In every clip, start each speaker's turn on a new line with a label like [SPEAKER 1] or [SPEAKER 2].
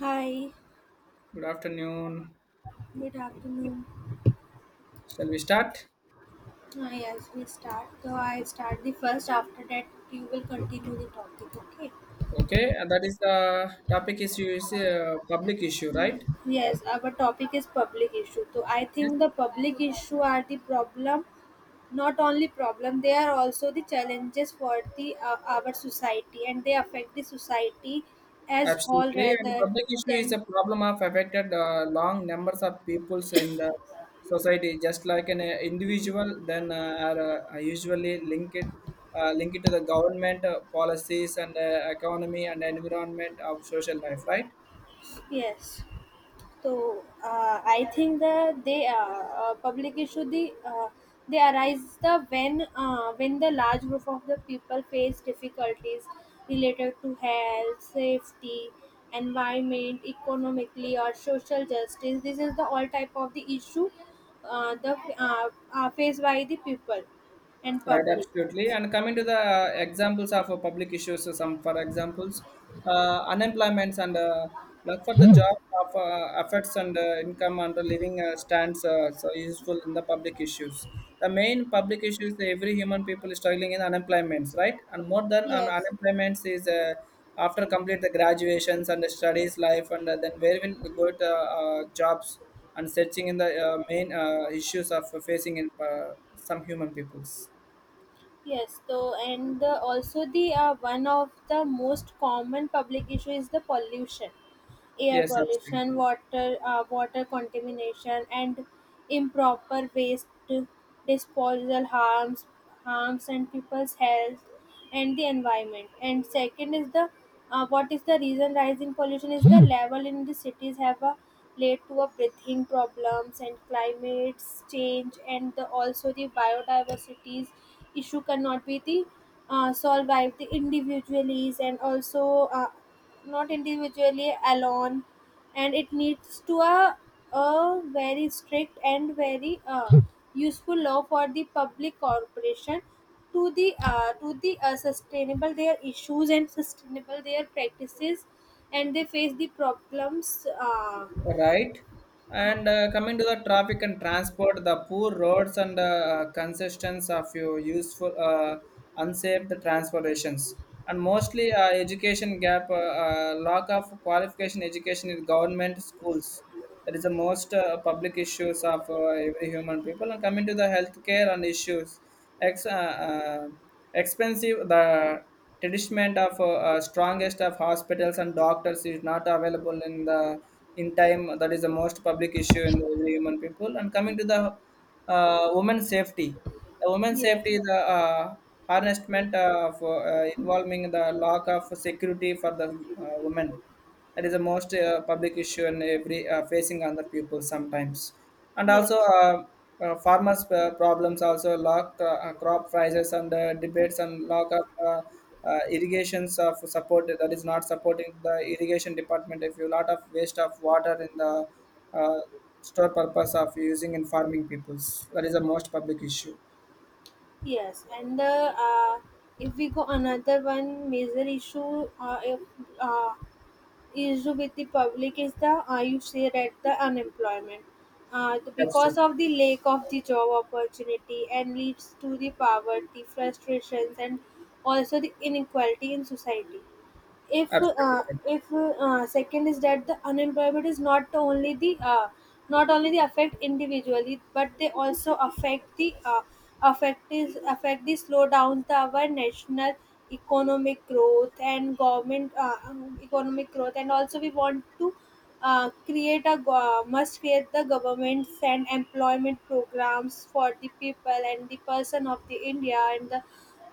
[SPEAKER 1] Hi,
[SPEAKER 2] Good afternoon.
[SPEAKER 1] good afternoon.
[SPEAKER 2] Shall we start?
[SPEAKER 1] Hi, as we start, so I start the first. After that, you will continue the topic. Okay.
[SPEAKER 2] Okay, and that is the topic issue is a public issue, right?
[SPEAKER 1] Yes, our topic is public issue. So I
[SPEAKER 2] Yes,
[SPEAKER 1] think the public issue are the problem, not only problem. They are also the challenges for the our society, and they affect the society as whole
[SPEAKER 2] absolutely. And the
[SPEAKER 1] rather
[SPEAKER 2] public issue is
[SPEAKER 1] than
[SPEAKER 2] a problem of affected long numbers of peoples in the society, just like an individual, then are usually linked to the government policies and economy and environment of social life, right?
[SPEAKER 1] yes. So I think that they public issue, they arise the when the large group of the people face difficulties related to health, safety, environment, economically or social justice. This is the all type of the issue the are faced by the people and
[SPEAKER 2] Right,
[SPEAKER 1] public.
[SPEAKER 2] absolutely. And coming to the examples of public issues, so some for examples, unemployments and luck for the job of efforts and income and the living stands so useful in the public issues. The main public issues that every human people is struggling in unemployments, right? And more than
[SPEAKER 1] Yes.
[SPEAKER 2] unemployments is after complete the graduations and the studies life and then where will go to jobs and searching in the main issues of facing in, some human peoples.
[SPEAKER 1] Yes, so and the, also the one of the most common public issue is the pollution air
[SPEAKER 2] Yes,
[SPEAKER 1] pollution,
[SPEAKER 2] absolutely.
[SPEAKER 1] water contamination, and improper waste disposal harms harms and people's health and the environment. And second is the what is the reason rising pollution is the level in the cities have a led to a breathing problems and climate change and the, also the biodiversity's issue cannot be the solve by the individually and also not individually alone and it needs to a very strict and very useful law for the public corporation to the sustainable their issues and sustainable their practices and they face the problems
[SPEAKER 2] Right.
[SPEAKER 1] uh,
[SPEAKER 2] And coming to the traffic and transport, the poor roads and consistence of your useful, unsafe the transportations, and mostly education gap, lack of qualification education in government schools. That is the most public issues of every human people. And coming to the healthcare and issues, ex- uh, uh, expensive the treatment of strongest of hospitals and doctors is not available in the in time. That is the most public issue in every human people. And coming to the women's safety, the women's
[SPEAKER 1] yes,
[SPEAKER 2] safety is the harnessment of involving the lack of security for the women, that is the most public issue and every facing other people sometimes. And also,
[SPEAKER 1] yes.
[SPEAKER 2] farmers' problems also lock crop prices and debates and lock up irrigations of support that is not supporting the irrigation department. If you lot of waste of water in the uh, store purpose of using in farming peoples, that is the most public issue.
[SPEAKER 1] Yes, and the if we go another one major issue, if, uh, issue with the public is the you say that the unemployment, because
[SPEAKER 2] Absolutely,
[SPEAKER 1] of the lack of the job opportunity and leads to the poverty, frustrations, and also the inequality in society
[SPEAKER 2] absolutely. Right.
[SPEAKER 1] if second is that the unemployment is not the only the not only the affect individually but they also affect the affect the slowdown the our national economic growth and government, economic growth and also we want to must create the government and employment programs for the people and the person of the india and the,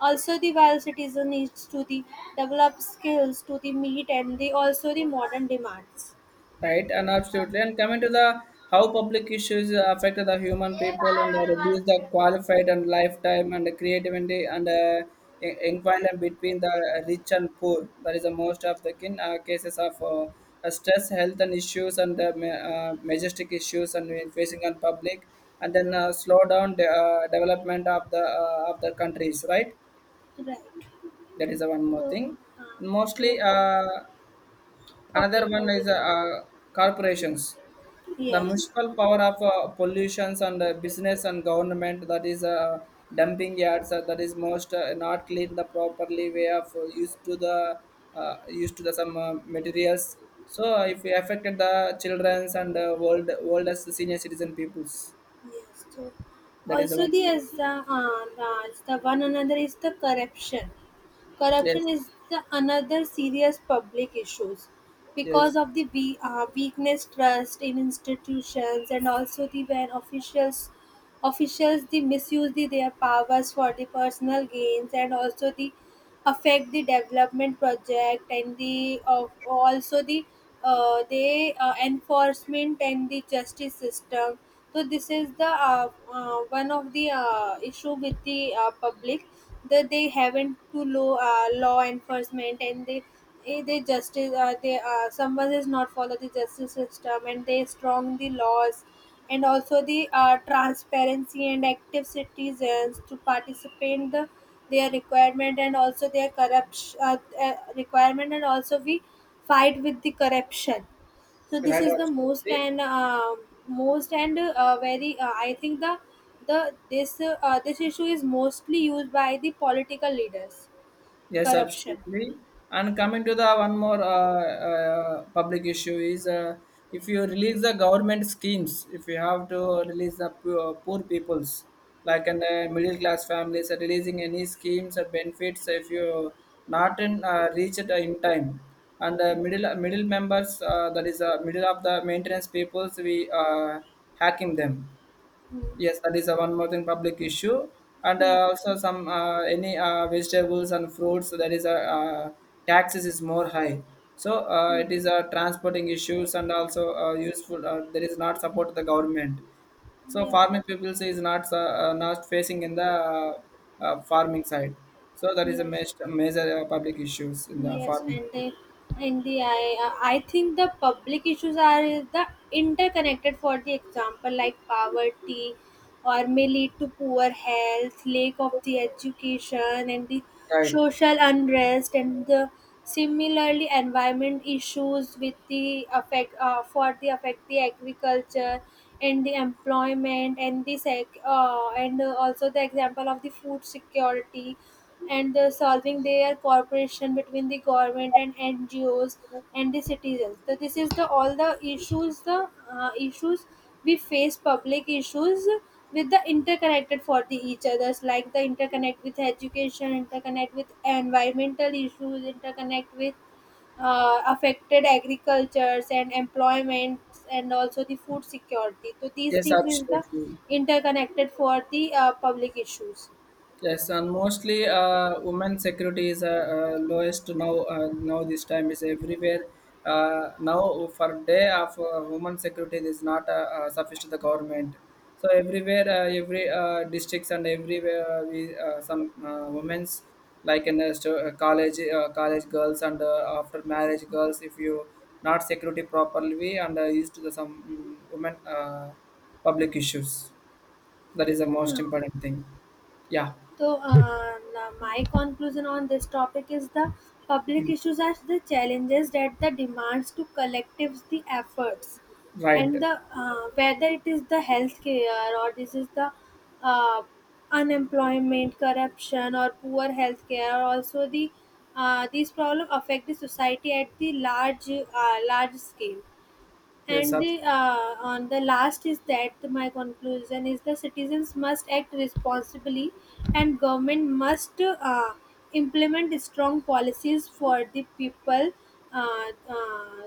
[SPEAKER 1] also the while citizen needs to the develop skills to the meet and the also the modern demands
[SPEAKER 2] Right, and absolutely. And coming to the how public issues affect the human people and reduce the qualified and lifetime and the creativity and environment between the rich and poor. That is the most of the cases of stress, health and issues and majestic issues and we facing on public and then slow down the development of the countries. Right,
[SPEAKER 1] right
[SPEAKER 2] that is the one more
[SPEAKER 1] so
[SPEAKER 2] thing.
[SPEAKER 1] uh,
[SPEAKER 2] And mostly,
[SPEAKER 1] so
[SPEAKER 2] another
[SPEAKER 1] okay
[SPEAKER 2] one is
[SPEAKER 1] continue
[SPEAKER 2] corporations, the
[SPEAKER 1] yes.
[SPEAKER 2] municipal power of pollutions and business and government, that is dumping yards that is most not clean the properly way of used to the some materials, so if we affected the children's and oldest senior citizen peoples,
[SPEAKER 1] Yes, so
[SPEAKER 2] that is the
[SPEAKER 1] also the
[SPEAKER 2] one.
[SPEAKER 1] as the as the one another is the corruption.
[SPEAKER 2] Yes,
[SPEAKER 1] Corruption is the another serious public issues because
[SPEAKER 2] yes,
[SPEAKER 1] of the weakness trust in institutions and also the when officials officials they misuse the, their powers for the personal gains and also the affect the development project and the of also the enforcement and the justice system so this is the one of the issue with the public that they haven't to law enforcement and they they justice they someone is not follow the justice system and they strong the laws and also the transparency and active citizens to participate in the their requirement and also their corruption, requirement and also we fight with the corruption. So this
[SPEAKER 2] right,
[SPEAKER 1] is the most
[SPEAKER 2] absolutely.
[SPEAKER 1] and most and very I think the this issue is mostly used by the political leaders
[SPEAKER 2] Yes,
[SPEAKER 1] corruption
[SPEAKER 2] absolutely. And coming to the one more public issue is if you release the government schemes, if you have to release the poor, poor peoples, like in the middle class families, are releasing any schemes or benefits if you not in reach it in time. And the middle members, that is middle of the maintenance peoples, we hacking them. Yes, that is a one more thing public issue, and also some any vegetables and fruits, so that is a taxes is more high. So it is a transporting issues and also useful. There is not support to the government. So
[SPEAKER 1] yes.
[SPEAKER 2] farming people is not not facing in the farming side. So that is a
[SPEAKER 1] Yes,
[SPEAKER 2] major, major public issues in the
[SPEAKER 1] yes,
[SPEAKER 2] farming
[SPEAKER 1] and
[SPEAKER 2] people.
[SPEAKER 1] the I think the public issues are the interconnected. For the example, like poverty, or may lead to poor health, lack of the education, and the
[SPEAKER 2] Right.
[SPEAKER 1] social unrest, and the similarly, environment issues with the affect for the affect the agriculture and the employment and the sec and also the example of the food security and solving their cooperation between the government and NGOs and the citizens. So this is the all the issues we face public issues with the interconnected for the each others like the interconnect with education interconnect with environmental issues interconnect with affected agricultures and employment and also the food security so these
[SPEAKER 2] Yes,
[SPEAKER 1] things is the
[SPEAKER 2] absolutely.
[SPEAKER 1] interconnected for the public issues.
[SPEAKER 2] Yes, and mostly women's security is lowest now. Now this time is everywhere. Now for day of women security is not sufficient to the government. So everywhere, every districts and everywhere we some women's, like in a college girls and after marriage girls, if you not security properly and used to the some women public issues, that is the most
[SPEAKER 1] Hmm.
[SPEAKER 2] important thing. Yeah.
[SPEAKER 1] So, my conclusion on this topic is the public issues are the challenges that the demands to collectives the efforts,
[SPEAKER 2] Right.
[SPEAKER 1] and the whether it is the healthcare or this is the uh, unemployment, corruption, or poor healthcare, or also these problems affect the society at the large scale
[SPEAKER 2] Yes,
[SPEAKER 1] and
[SPEAKER 2] abs-,
[SPEAKER 1] the on the last is that my conclusion is the citizens must act responsibly and government must implement strong policies uh, uh,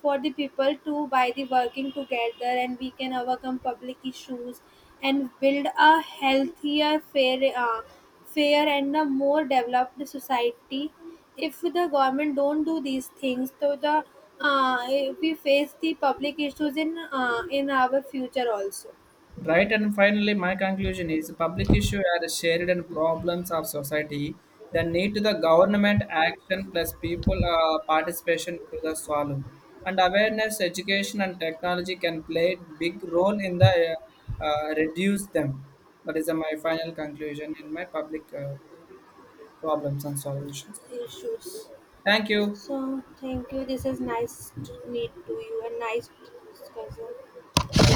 [SPEAKER 1] for the people too by the working together and we can overcome public issues and build a healthier fair and a more developed society. If the government don't do these things so the uh, we face the public issues in our future also
[SPEAKER 2] right. And finally, my conclusion is public issue are shared and problems of society that need to the government action plus people participation to the solve. And awareness, education, and technology can play big role in the reduce them. That is my final conclusion in my public problems and solutions.
[SPEAKER 1] issues.
[SPEAKER 2] Thank you.
[SPEAKER 1] So thank you, this is nice to meet to you and nice discussion.
[SPEAKER 2] Yeah.